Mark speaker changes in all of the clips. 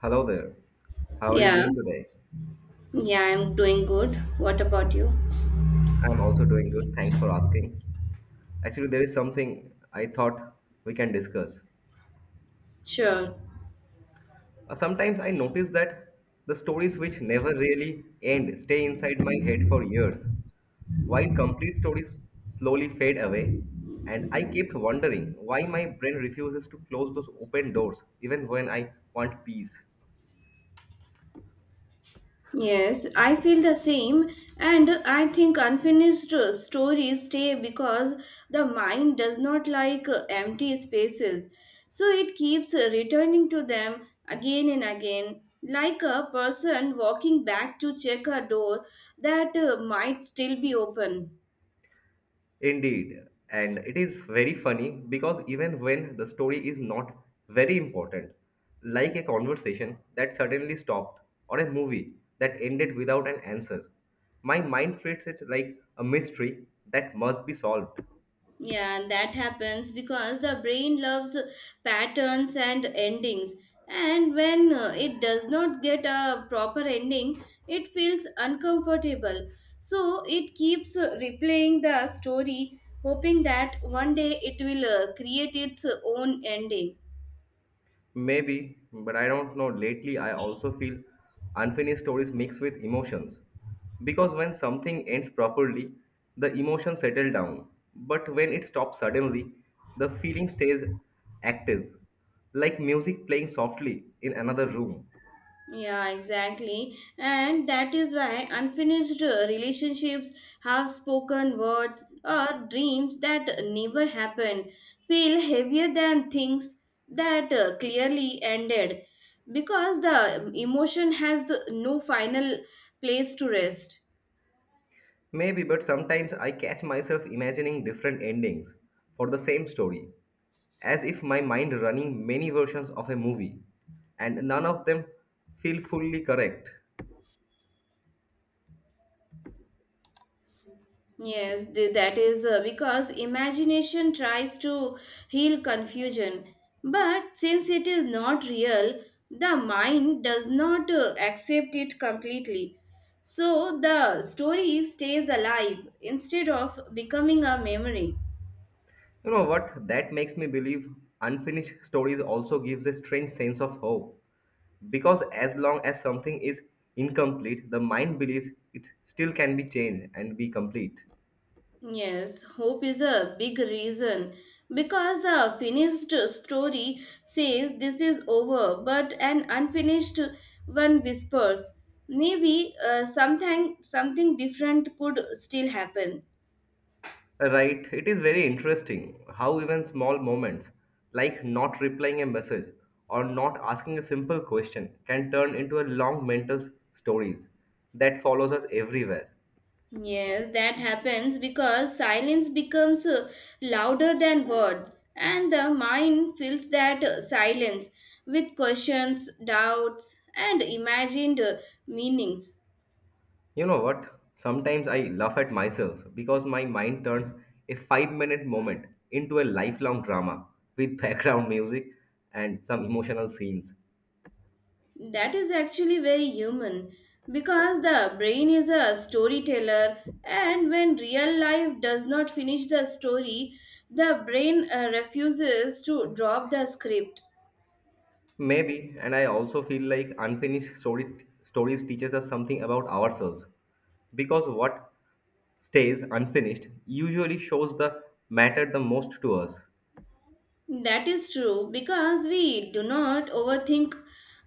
Speaker 1: Hello there. How are you
Speaker 2: Yeah,
Speaker 1: doing today?
Speaker 2: yeah, I'm doing good. What about you?
Speaker 1: I'm also doing good. Thanks for asking. Actually, there is something I thought we can discuss.
Speaker 2: Sure.
Speaker 1: Sometimes I notice that the stories which never really end stay inside my head for years, while complete stories slowly fade away. And I kept wondering why my brain refuses to close those open doors even when I want peace.
Speaker 2: Yes, I feel the same, and I think unfinished stories stay because the mind does not like empty spaces, so it keeps returning to them again and again, like a person walking back to check a door that might still be open.
Speaker 1: Indeed, and it is very funny because even when the story is not very important, like a conversation that suddenly stopped or a movie that ended without an answer, my mind treats it like a mystery that must be solved.
Speaker 2: Yeah, and that happens because the brain loves patterns and endings. And when it does not get a proper ending, it feels uncomfortable. So it keeps replaying the story, hoping that one day it will create its own ending.
Speaker 1: Maybe, but I don't know. Lately, I also feel unfinished stories mixed with emotions. Because when something ends properly, the emotions settle down. But when it stops suddenly, the feeling stays active, like music playing softly in another room.
Speaker 2: Yeah, exactly. And that is why unfinished relationships, half spoken words, or dreams that never happen feel heavier than things that clearly ended because the emotion has the, no final place to rest.
Speaker 1: Maybe, but sometimes I catch myself imagining different endings for the same story, as if my mind running many versions of a movie, and none of them feel fully correct.
Speaker 2: Yes, that is because imagination tries to heal confusion. But since it is not real, the mind does not accept it completely. So the story stays alive instead of becoming a memory.
Speaker 1: You know what? That makes me believe unfinished stories also gives a strange sense of hope. Because as long as something is incomplete, the mind believes it still can be changed and be complete.
Speaker 2: Yes, hope is a big reason because a finished story says this is over, but an unfinished one whispers maybe something different could still happen.
Speaker 1: Right, it is very interesting how even small moments, like not replying a message or not asking a simple question, can turn into a long mental stories that follows us everywhere.
Speaker 2: Yes, that happens because silence becomes louder than words, and the mind fills that silence with questions, doubts, and imagined meanings.
Speaker 1: You know what? Sometimes I laugh at myself because my mind turns a 5-minute moment into a lifelong drama with background music and some emotional scenes.
Speaker 2: That is actually very human because the brain is a storyteller, and when real life does not finish the story, the brain refuses to drop the script.
Speaker 1: Maybe, and I also feel like unfinished story, stories teaches us something about ourselves because what stays unfinished usually shows the matter the most to us.
Speaker 2: That is true because we do not overthink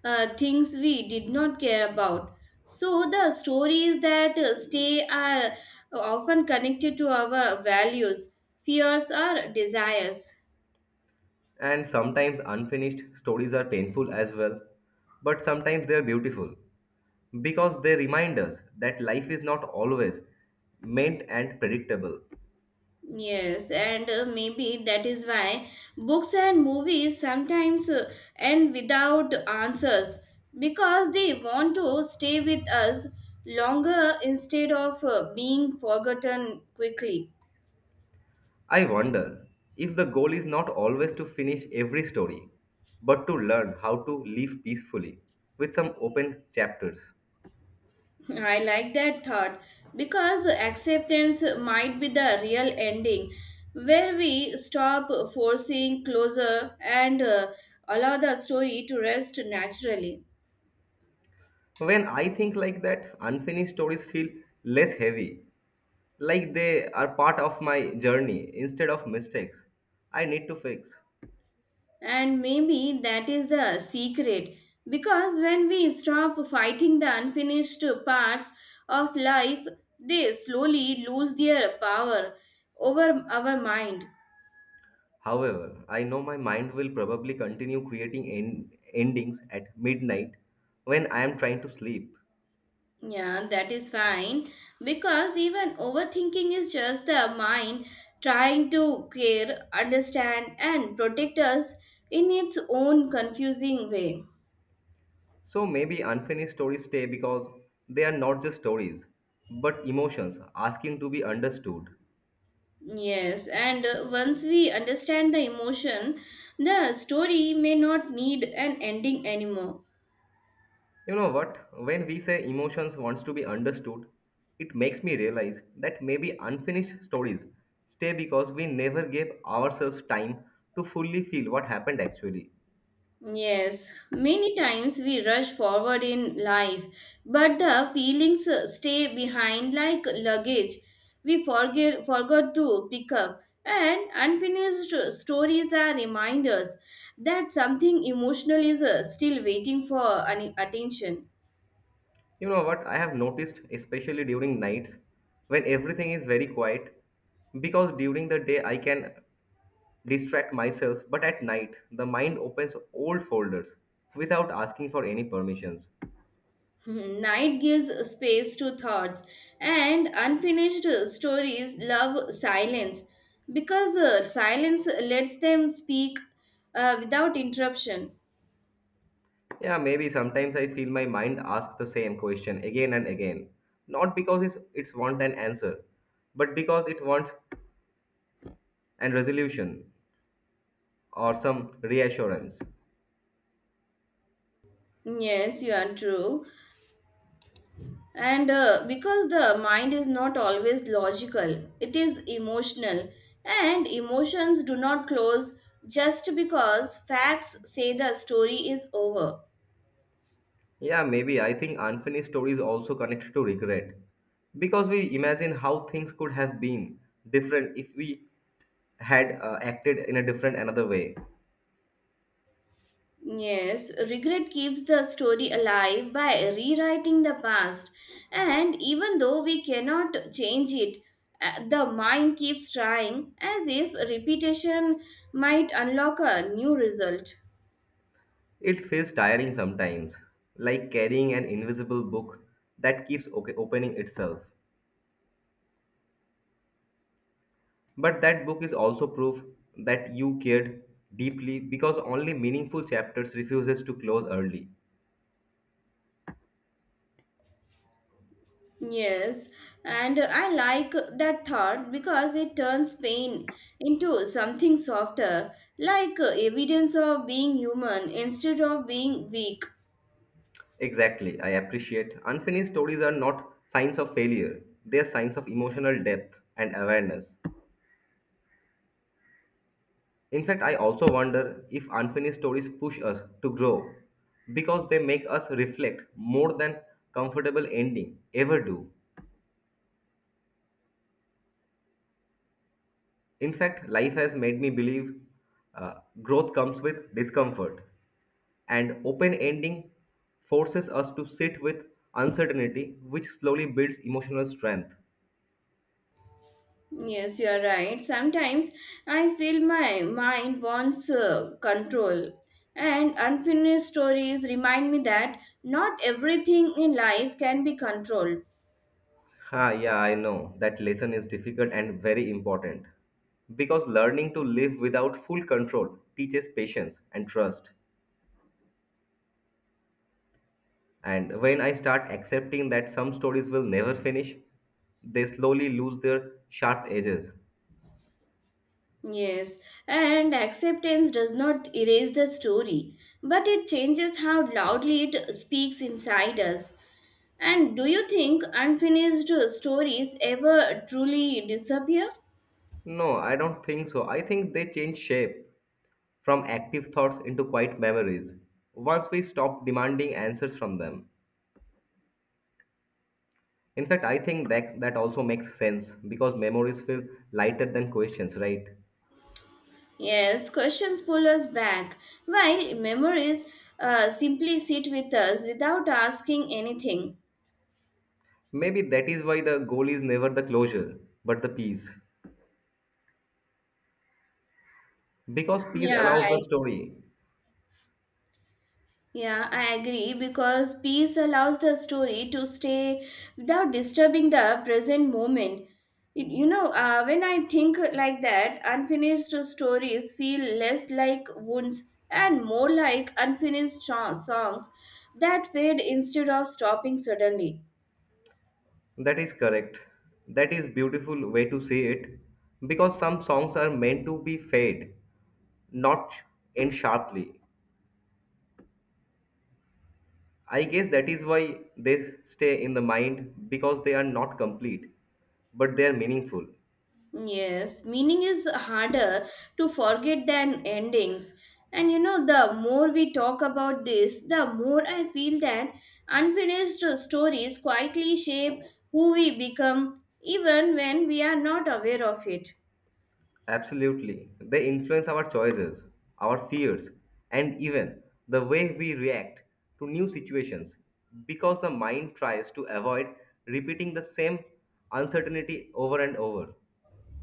Speaker 2: things we did not care about. So, the stories that stay are often connected to our values, fears, or desires.
Speaker 1: And sometimes unfinished stories are painful as well, but sometimes they are beautiful, because they remind us that life is not always meant and predictable.
Speaker 2: Yes, and maybe that is why books and movies sometimes end without answers because they want to stay with us longer instead of being forgotten quickly.
Speaker 1: I wonder if the goal is not always to finish every story, but to learn how to live peacefully with some open chapters.
Speaker 2: I like that thought because acceptance might be the real ending where we stop forcing closure and allow the story to rest naturally.
Speaker 1: When I think like that, unfinished stories feel less heavy, like they are part of my journey instead of mistakes I need to fix.
Speaker 2: And maybe that is the secret because when we stop fighting the unfinished parts of life, they slowly lose their power over our mind.
Speaker 1: However, I know my mind will probably continue creating endings at midnight when I am trying to sleep.
Speaker 2: Yeah, that is fine because even overthinking is just the mind trying to care, understand, and protect us in its own confusing way.
Speaker 1: So maybe unfinished stories stay because they are not just stories, but emotions asking to be understood.
Speaker 2: Yes, and once we understand the emotion, the story may not need an ending anymore.
Speaker 1: You know what? When we say emotions wants to be understood, it makes me realize that maybe unfinished stories stay because we never gave ourselves time to fully feel what happened actually.
Speaker 2: Yes, many times we rush forward in life, but the feelings stay behind like luggage we forget forgot to pick up. And unfinished stories are reminders that something emotional is still waiting for an attention.
Speaker 1: You know what? I have noticed, especially during nights when everything is very quiet, because during the day I can distract myself, but at night the mind opens old folders without asking for any permissions.
Speaker 2: Night gives space to thoughts and unfinished stories love silence because silence lets them speak without interruption.
Speaker 1: Yeah, maybe sometimes I feel my mind asks the same question again and again, not because it's want an answer, but because it wants an resolution or some reassurance.
Speaker 2: Yes, you are true. And because the mind is not always logical, it is emotional, and emotions do not close just because facts say the story is over.
Speaker 1: Yeah, maybe. I think unfinished stories also connect to regret because we imagine how things could have been different if we had acted in a different another way.
Speaker 2: Yes, regret keeps the story alive by rewriting the past. And even though we cannot change it, the mind keeps trying as if repetition might unlock a new result.
Speaker 1: It feels tiring sometimes, like carrying an invisible book that keeps opening itself. But that book is also proof that you cared deeply because only meaningful chapters refuses to close early.
Speaker 2: Yes, and I like that thought because it turns pain into something softer, like evidence of being human instead of being weak.
Speaker 1: Exactly, I appreciate. Unfinished stories are not signs of failure, they are signs of emotional depth and awareness. In fact, I also wonder if unfinished stories push us to grow because they make us reflect more than comfortable ending ever do. In fact, life has made me believe uh, growth comes with discomfort, and open ending forces us to sit with uncertainty, which slowly builds emotional strength.
Speaker 2: Yes, you are right. Sometimes I feel my mind wants control, and unfinished stories remind me that not everything in life can be controlled.
Speaker 1: Ha, yeah, I know. That lesson is difficult and very important. Because learning to live without full control teaches patience and trust. And when I start accepting that some stories will never finish, they slowly lose their sharp edges.
Speaker 2: Yes, and acceptance does not erase the story, but it changes how loudly it speaks inside us. And do you think unfinished stories ever truly disappear?
Speaker 1: No, I don't think so. I think they change shape from active thoughts into quiet memories once we stop demanding answers from them. In fact, I think that that also makes sense because memories feel lighter than questions, right?
Speaker 2: Yes, questions pull us back, while memories simply sit with us without asking anything.
Speaker 1: Maybe that is why the goal is never the closure, but the peace. Because peace
Speaker 2: Yeah,
Speaker 1: allows the
Speaker 2: I,
Speaker 1: story.
Speaker 2: yeah, I agree because peace allows the story to stay without disturbing the present moment. You know, when I think like that, unfinished stories feel less like wounds and more like unfinished songs that fade instead of stopping suddenly.
Speaker 1: That is correct. That is beautiful way to say it. Because some songs are meant to be fade, not end sharply. I guess that is why they stay in the mind because they are not complete, but they are meaningful.
Speaker 2: Yes, meaning is harder to forget than endings. And you know, the more we talk about this, the more I feel that unfinished stories quietly shape who we become, even when we are not aware of it.
Speaker 1: Absolutely. They influence our choices, our fears, and even the way we react to new situations because the mind tries to avoid repeating the same uncertainty over and over.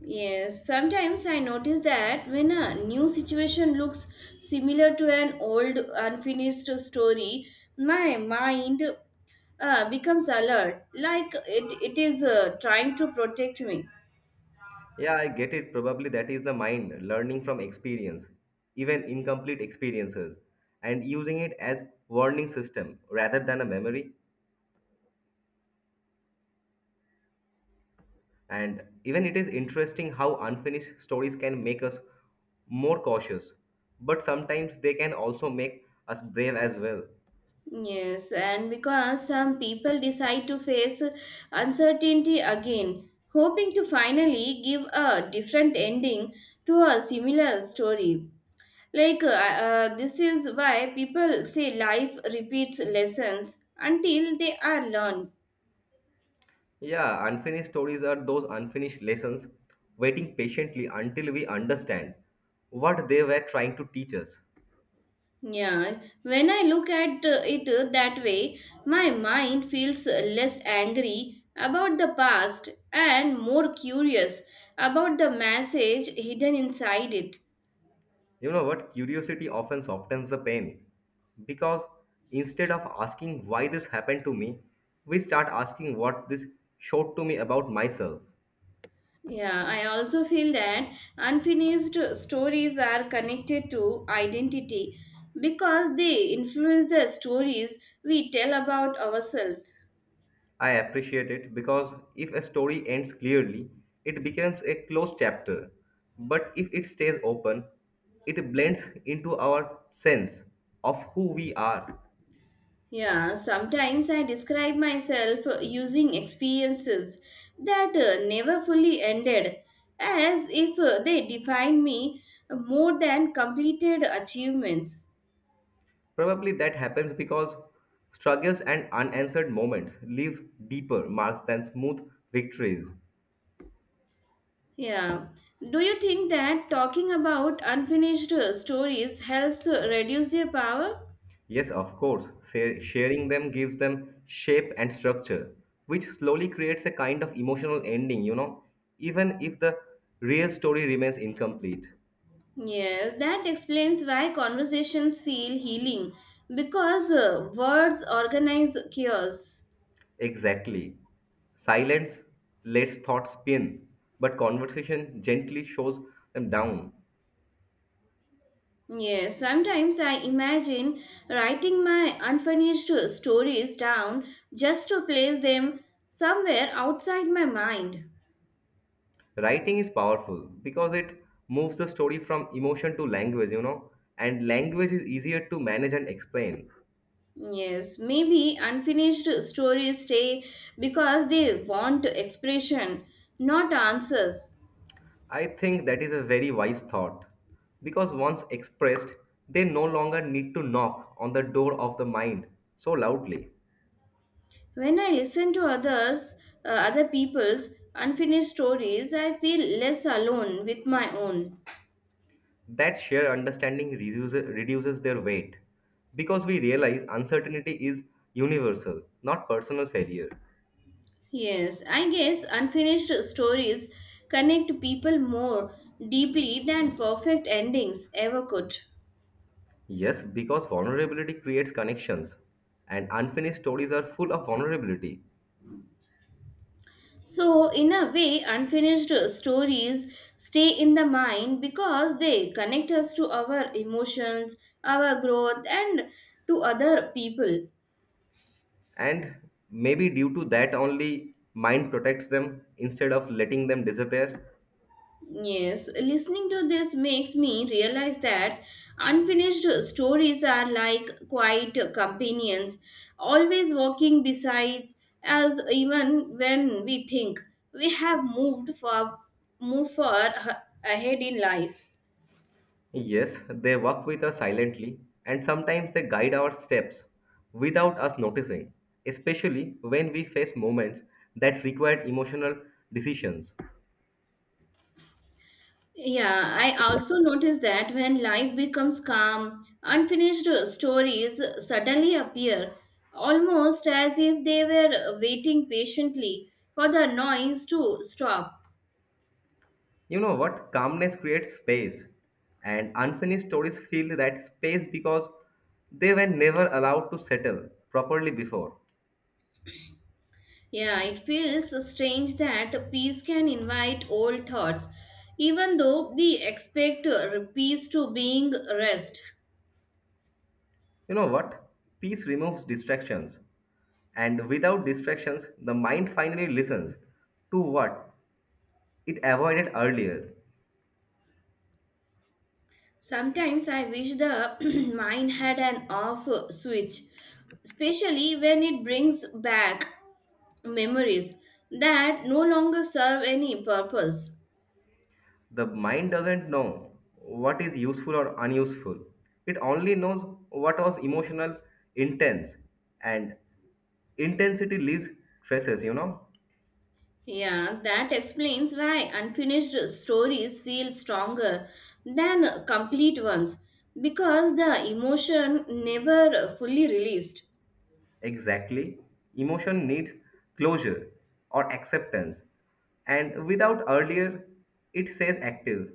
Speaker 2: Yes, sometimes I notice that when a new situation looks similar to an old unfinished story, my mind becomes alert, like it is trying to protect me.
Speaker 1: Yeah, I get it. Probably that is the mind learning from experience, even incomplete experiences, and using it as warning system rather than a memory. And even it is interesting how unfinished stories can make us more cautious, but sometimes they can also make us brave as well.
Speaker 2: Yes, and because some people decide to face uncertainty again, hoping to finally give a different ending to a similar story. This is why people say life repeats lessons until they are learned.
Speaker 1: Yeah, unfinished stories are those unfinished lessons waiting patiently until we understand what they were trying to teach us.
Speaker 2: Yeah, when I look at it that way, my mind feels less angry about the past and more curious about the message hidden inside it.
Speaker 1: You know what? Curiosity often softens the pain because instead of asking why this happened to me, we start asking what this showed to me about myself.
Speaker 2: Yeah, I also feel that unfinished stories are connected to identity because they influence the stories we tell about ourselves.
Speaker 1: I appreciate it because if a story ends clearly, it becomes a closed chapter. But if it stays open, it blends into our sense of who we are.
Speaker 2: Yeah, sometimes I describe myself using experiences that never fully ended as if they define me more than completed achievements.
Speaker 1: Probably that happens because struggles and unanswered moments leave deeper marks than smooth victories.
Speaker 2: Yeah. Do you think that talking about unfinished stories helps reduce their power?
Speaker 1: Yes, of course, sharing them gives them shape and structure, which slowly creates a kind of emotional ending, even if the real story remains incomplete.
Speaker 2: Yes, that explains why conversations feel healing because words organize chaos.
Speaker 1: Exactly. Silence lets thoughts spin, but conversation gently shows them down.
Speaker 2: Yes, sometimes I imagine writing my unfinished stories down just to place them somewhere outside my mind.
Speaker 1: Writing is powerful because it moves the story from emotion to language, and language is easier to manage and explain.
Speaker 2: Yes, maybe unfinished stories stay because they want expression, not answers.
Speaker 1: I think that is a very wise thought because once expressed, they no longer need to knock on the door of the mind so loudly.
Speaker 2: When I listen to others, other people's unfinished stories, I feel less alone with my own.
Speaker 1: That shared understanding reduces their weight because we realize uncertainty is universal, not personal failure.
Speaker 2: Yes, I guess unfinished stories connect people more deeply than perfect endings ever could.
Speaker 1: Yes, because vulnerability creates connections, and unfinished stories are full of vulnerability.
Speaker 2: So, in a way, unfinished stories stay in the mind because they connect us to our emotions, our growth, and to other people.
Speaker 1: And maybe due to that, only mind protects them instead of letting them disappear.
Speaker 2: Yes, listening to this makes me realize that unfinished stories are like quiet companions, always walking beside us even when we think we have moved far ahead in life.
Speaker 1: Yes, they walk with us silently and sometimes they guide our steps without us noticing, especially when we face moments that require emotional decisions.
Speaker 2: Yeah, I also noticed that when life becomes calm, unfinished stories suddenly appear, almost as if they were waiting patiently for the noise to stop.
Speaker 1: You know what? Calmness creates space, and unfinished stories fill that space because they were never allowed to settle properly before.
Speaker 2: Yeah, it feels strange that peace can invite old thoughts, even though they expect peace to being rest.
Speaker 1: You know what? Peace removes distractions, and without distractions, the mind finally listens to what it avoided earlier.
Speaker 2: Sometimes I wish the mind had an off switch, especially when it brings back memories that no longer serve any purpose.
Speaker 1: The mind doesn't know what is useful or unuseful. It only knows what was emotional, intense, and intensity leaves traces, you know?
Speaker 2: Yeah, that explains why unfinished stories feel stronger than complete ones because the emotion never fully released.
Speaker 1: Exactly. Emotion needs closure or acceptance. And without earlier, it says active.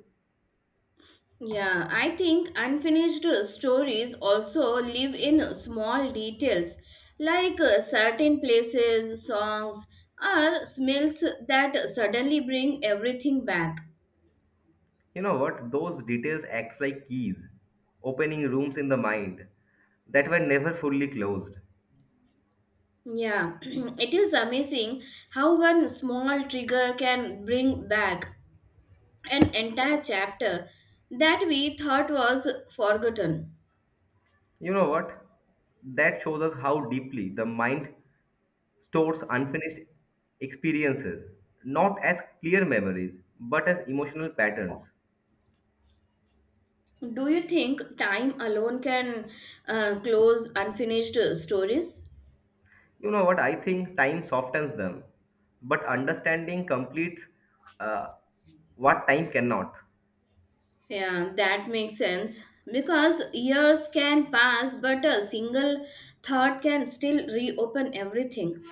Speaker 2: Yeah, I think unfinished stories also live in small details like certain places, songs, or smells that suddenly bring everything back.
Speaker 1: You know what? Those details acts like keys, opening rooms in the mind that were never fully closed.
Speaker 2: Yeah, it is amazing how one small trigger can bring back an entire chapter that we thought was forgotten.
Speaker 1: You know what? That shows us how deeply the mind stores unfinished experiences, not as clear memories, but as emotional patterns.
Speaker 2: Do you think time alone can close unfinished stories?
Speaker 1: You know what? I think time softens them, but understanding completes uh, what time cannot.
Speaker 2: Yeah, that makes sense. Because years can pass, but a single thought can still reopen everything.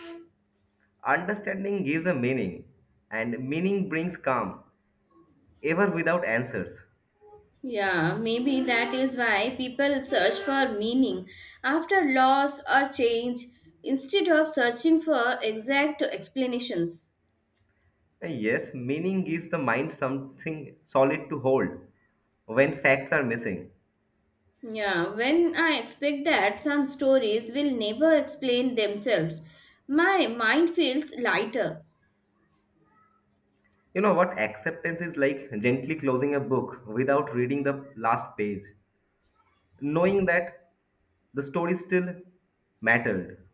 Speaker 1: Understanding gives a meaning, and meaning brings calm, ever without answers.
Speaker 2: Yeah, maybe that is why people search for meaning after loss or change instead of searching for exact explanations.
Speaker 1: And yes, meaning gives the mind something solid to hold when facts are missing.
Speaker 2: Yeah, when I expect that some stories will never explain themselves, my mind feels lighter.
Speaker 1: You know what? Acceptance is like gently closing a book without reading the last page, knowing that the story still mattered.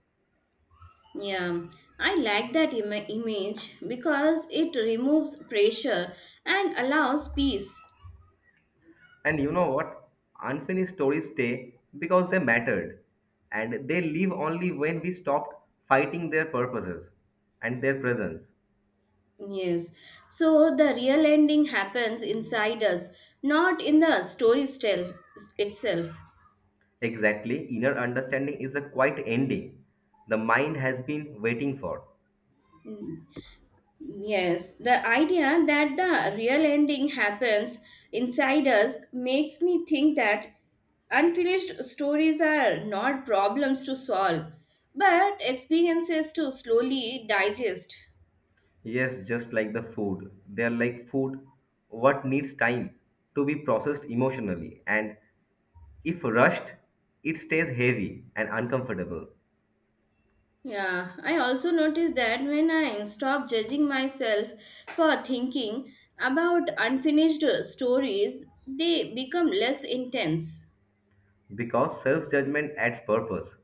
Speaker 2: Yeah, I like that image because it removes pressure and allows peace.
Speaker 1: And you know what? Unfinished stories stay because they mattered. And they leave only when we stopped fighting their purposes and their presence.
Speaker 2: Yes, so the real ending happens inside us, not in the story tell itself.
Speaker 1: Exactly, inner understanding is a quiet ending the mind has been waiting for.
Speaker 2: Yes, the idea that the real ending happens inside us makes me think that unfinished stories are not problems to solve, but experiences to slowly digest.
Speaker 1: Yes, just like the food. They are like food, what needs time to be processed emotionally. And if rushed, it stays heavy and uncomfortable.
Speaker 2: Yeah, I also noticed that when I stop judging myself for thinking about unfinished stories, they become less intense.
Speaker 1: Because self judgment adds purpose,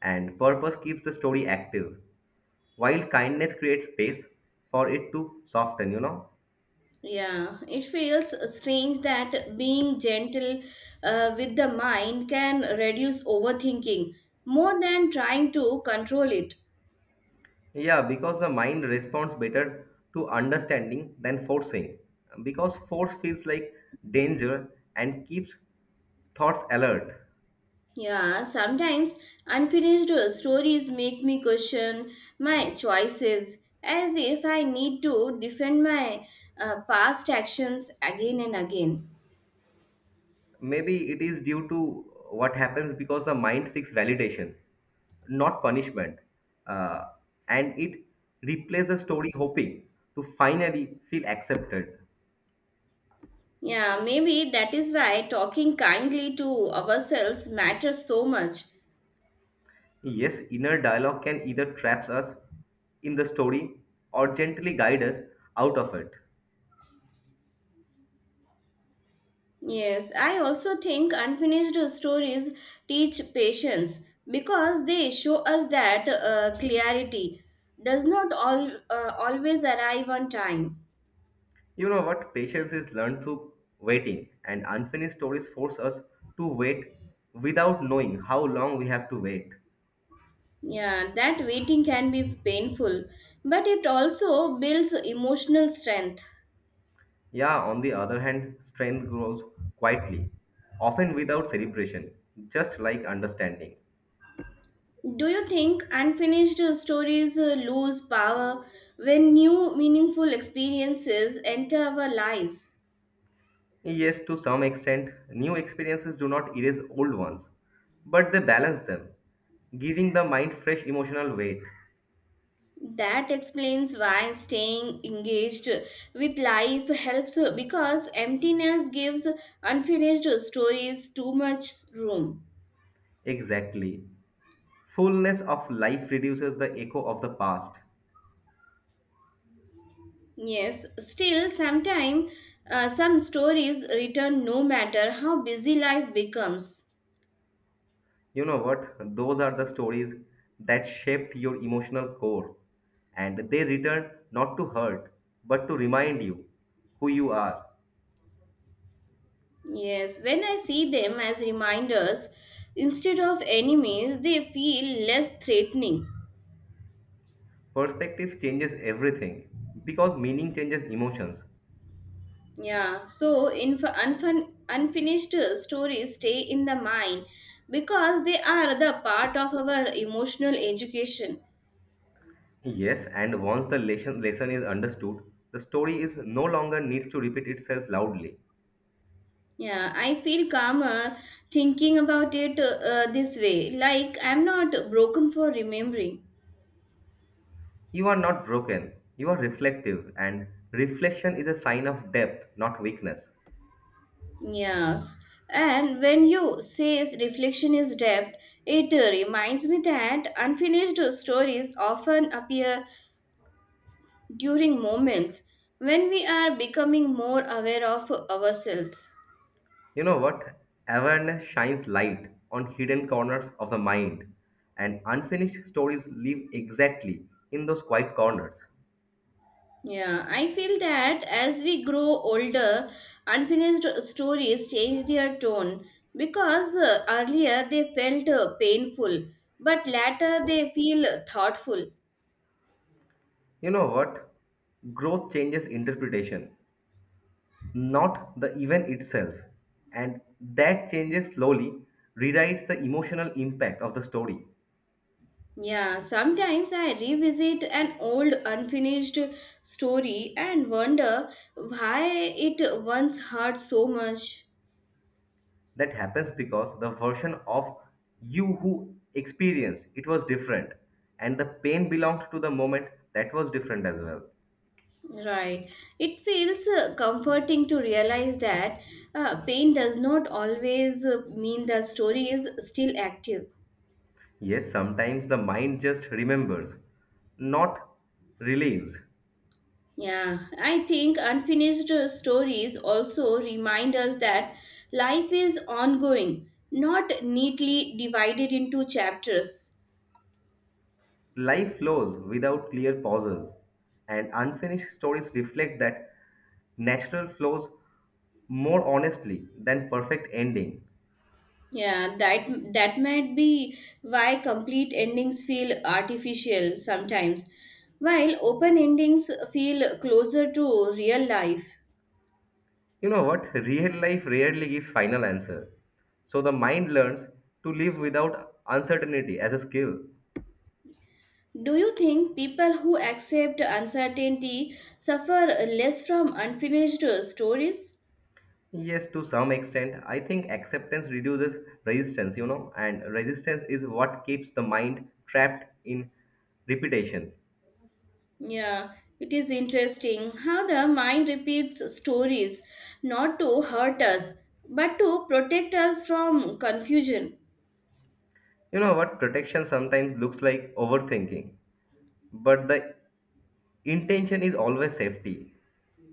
Speaker 1: and purpose keeps the story active, while kindness creates space for it to soften, you know?
Speaker 2: Yeah, it feels strange that being gentle with the mind can reduce overthinking more than trying to control it.
Speaker 1: Yeah, because the mind responds better to understanding than forcing, because force feels like danger and keeps thoughts alert.
Speaker 2: Yeah, sometimes unfinished stories make me question my choices as if I need to defend my past actions again and again.
Speaker 1: Maybe it is due to what happens because the mind seeks validation, not punishment. Uh, and it replays the story hoping to finally feel accepted.
Speaker 2: Yeah, maybe that is why talking kindly to ourselves matters so much.
Speaker 1: Yes, inner dialogue can either traps us in the story or gently guide us out of it.
Speaker 2: Yes, I also think unfinished stories teach patience because they show us that clarity does not always arrive on time.
Speaker 1: You know what? Patience is learned through waiting, and unfinished stories force us to wait without knowing how long we have to wait.
Speaker 2: Yeah, that waiting can be painful, but it also builds emotional strength.
Speaker 1: Yeah, on the other hand, strength grows quietly, often without celebration, just like understanding.
Speaker 2: Do you think unfinished stories lose power when new meaningful experiences enter our lives?
Speaker 1: Yes, to some extent, new experiences do not erase old ones, but they balance them, giving the mind fresh emotional weight.
Speaker 2: That explains why staying engaged with life helps because emptiness gives unfinished stories too much room.
Speaker 1: Exactly. Fullness of life reduces the echo of the past.
Speaker 2: Yes, still, sometimes some stories return no matter how busy life becomes.
Speaker 1: You know what? Those are the stories that shaped your emotional core, and they return not to hurt, but to remind you who you are.
Speaker 2: Yes, when I see them as reminders instead of enemies, they feel less threatening.
Speaker 1: Perspective changes everything because meaning changes emotions.
Speaker 2: Yeah, so in unfinished stories stay in the mind because they are the part of our emotional education.
Speaker 1: Yes, and once the lesson is understood, the story is no longer needs to repeat itself loudly.
Speaker 2: Yeah, I feel calmer thinking about it this way, like I'm not broken for remembering.
Speaker 1: You are not broken, you are reflective, and reflection is a sign of depth, not weakness.
Speaker 2: Yes, and when you say reflection is depth, it reminds me that unfinished stories often appear during moments when we are becoming more aware of ourselves.
Speaker 1: You know what? Awareness shines light on hidden corners of the mind, and unfinished stories live exactly in those quiet corners.
Speaker 2: Yeah, I feel that as we grow older, unfinished stories change their tone because earlier they felt painful, but later they feel thoughtful.
Speaker 1: You know what? Growth changes interpretation, not the event itself. And that changes slowly rewrites the emotional impact of the story.
Speaker 2: Yeah, sometimes I revisit an old unfinished story and wonder why it once hurt so much.
Speaker 1: That happens because the version of you who experienced it was different, and the pain belonged to the moment that was different as well.
Speaker 2: Right. It feels comforting to realize that pain does not always mean the story is still active.
Speaker 1: Yes, sometimes the mind just remembers, not relieves.
Speaker 2: Yeah, I think unfinished stories also remind us that life is ongoing, not neatly divided into chapters.
Speaker 1: Life flows without clear pauses, and unfinished stories reflect that natural flows more honestly than perfect ending.
Speaker 2: Yeah, that might be why complete endings feel artificial sometimes, while open endings feel closer to real life.
Speaker 1: You know what? Real life rarely gives final answer. So the mind learns to live without uncertainty as a skill.
Speaker 2: Do you think people who accept uncertainty suffer less from unfinished stories?
Speaker 1: Yes, to some extent, I think acceptance reduces resistance, and resistance is what keeps the mind trapped in repetition.
Speaker 2: Yeah, it is interesting how the mind repeats stories not to hurt us but to protect us from confusion.
Speaker 1: You know what? Protection sometimes looks like overthinking. But the intention is always safety.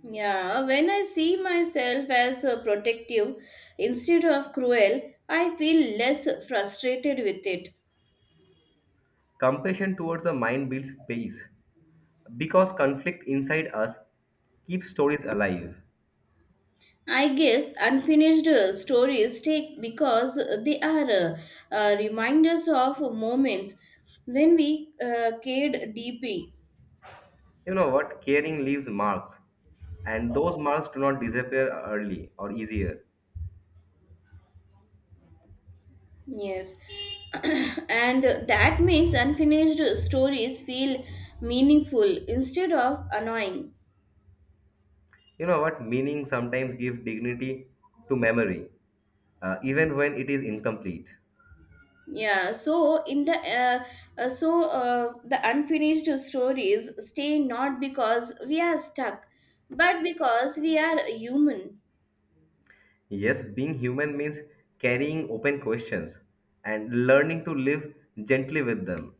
Speaker 2: Yeah, when I see myself as protective instead of cruel, I feel less frustrated with it.
Speaker 1: Compassion towards the mind builds peace because conflict inside us keeps stories alive.
Speaker 2: I guess unfinished stories take because they are reminders of moments when we cared deeply.
Speaker 1: You know what? Caring leaves marks, and those marks do not disappear early or easier.
Speaker 2: Yes, and that makes unfinished stories feel meaningful instead of annoying.
Speaker 1: You know what? Meaning sometimes give dignity to memory, even when it is incomplete.
Speaker 2: Yeah, so in the the unfinished stories stay not because we are stuck, but because we are human.
Speaker 1: Yes, being human means carrying open questions and learning to live gently with them.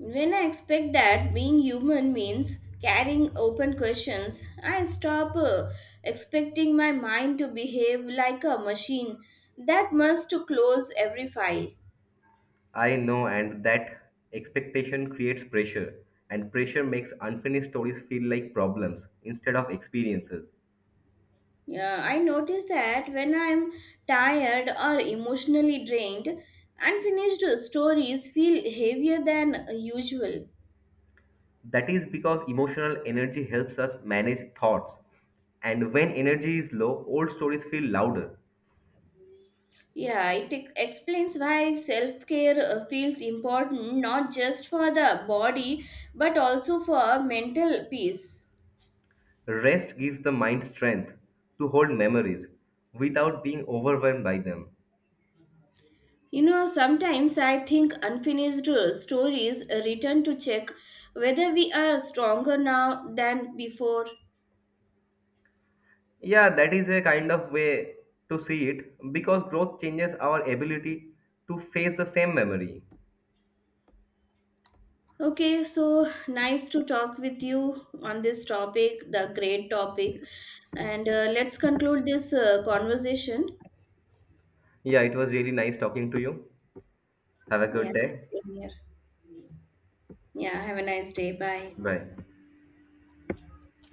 Speaker 2: When I expect that being human means carrying open questions, I stop expecting my mind to behave like a machine that must to close every file.
Speaker 1: I know, and that expectation creates pressure, and pressure makes unfinished stories feel like problems instead of experiences.
Speaker 2: Yeah, I notice that when I'm tired or emotionally drained, unfinished stories feel heavier than usual.
Speaker 1: That is because emotional energy helps us manage thoughts, and when energy is low, old stories feel louder.
Speaker 2: Yeah, it explains why self care feels important not just for the body but also for mental peace.
Speaker 1: Rest gives the mind strength to hold memories without being overwhelmed by them.
Speaker 2: You know, sometimes I think unfinished stories return to check whether we are stronger now than before.
Speaker 1: Yeah, that is a kind of way to see it because growth changes our ability to face the same memory.
Speaker 2: Okay, so nice to talk with you on this topic, the great topic. And let's conclude this conversation.
Speaker 1: Yeah, it was really nice talking to you. Have a
Speaker 2: Yeah,
Speaker 1: good day.
Speaker 2: same here. Yeah, have a nice day. Bye.
Speaker 1: Bye.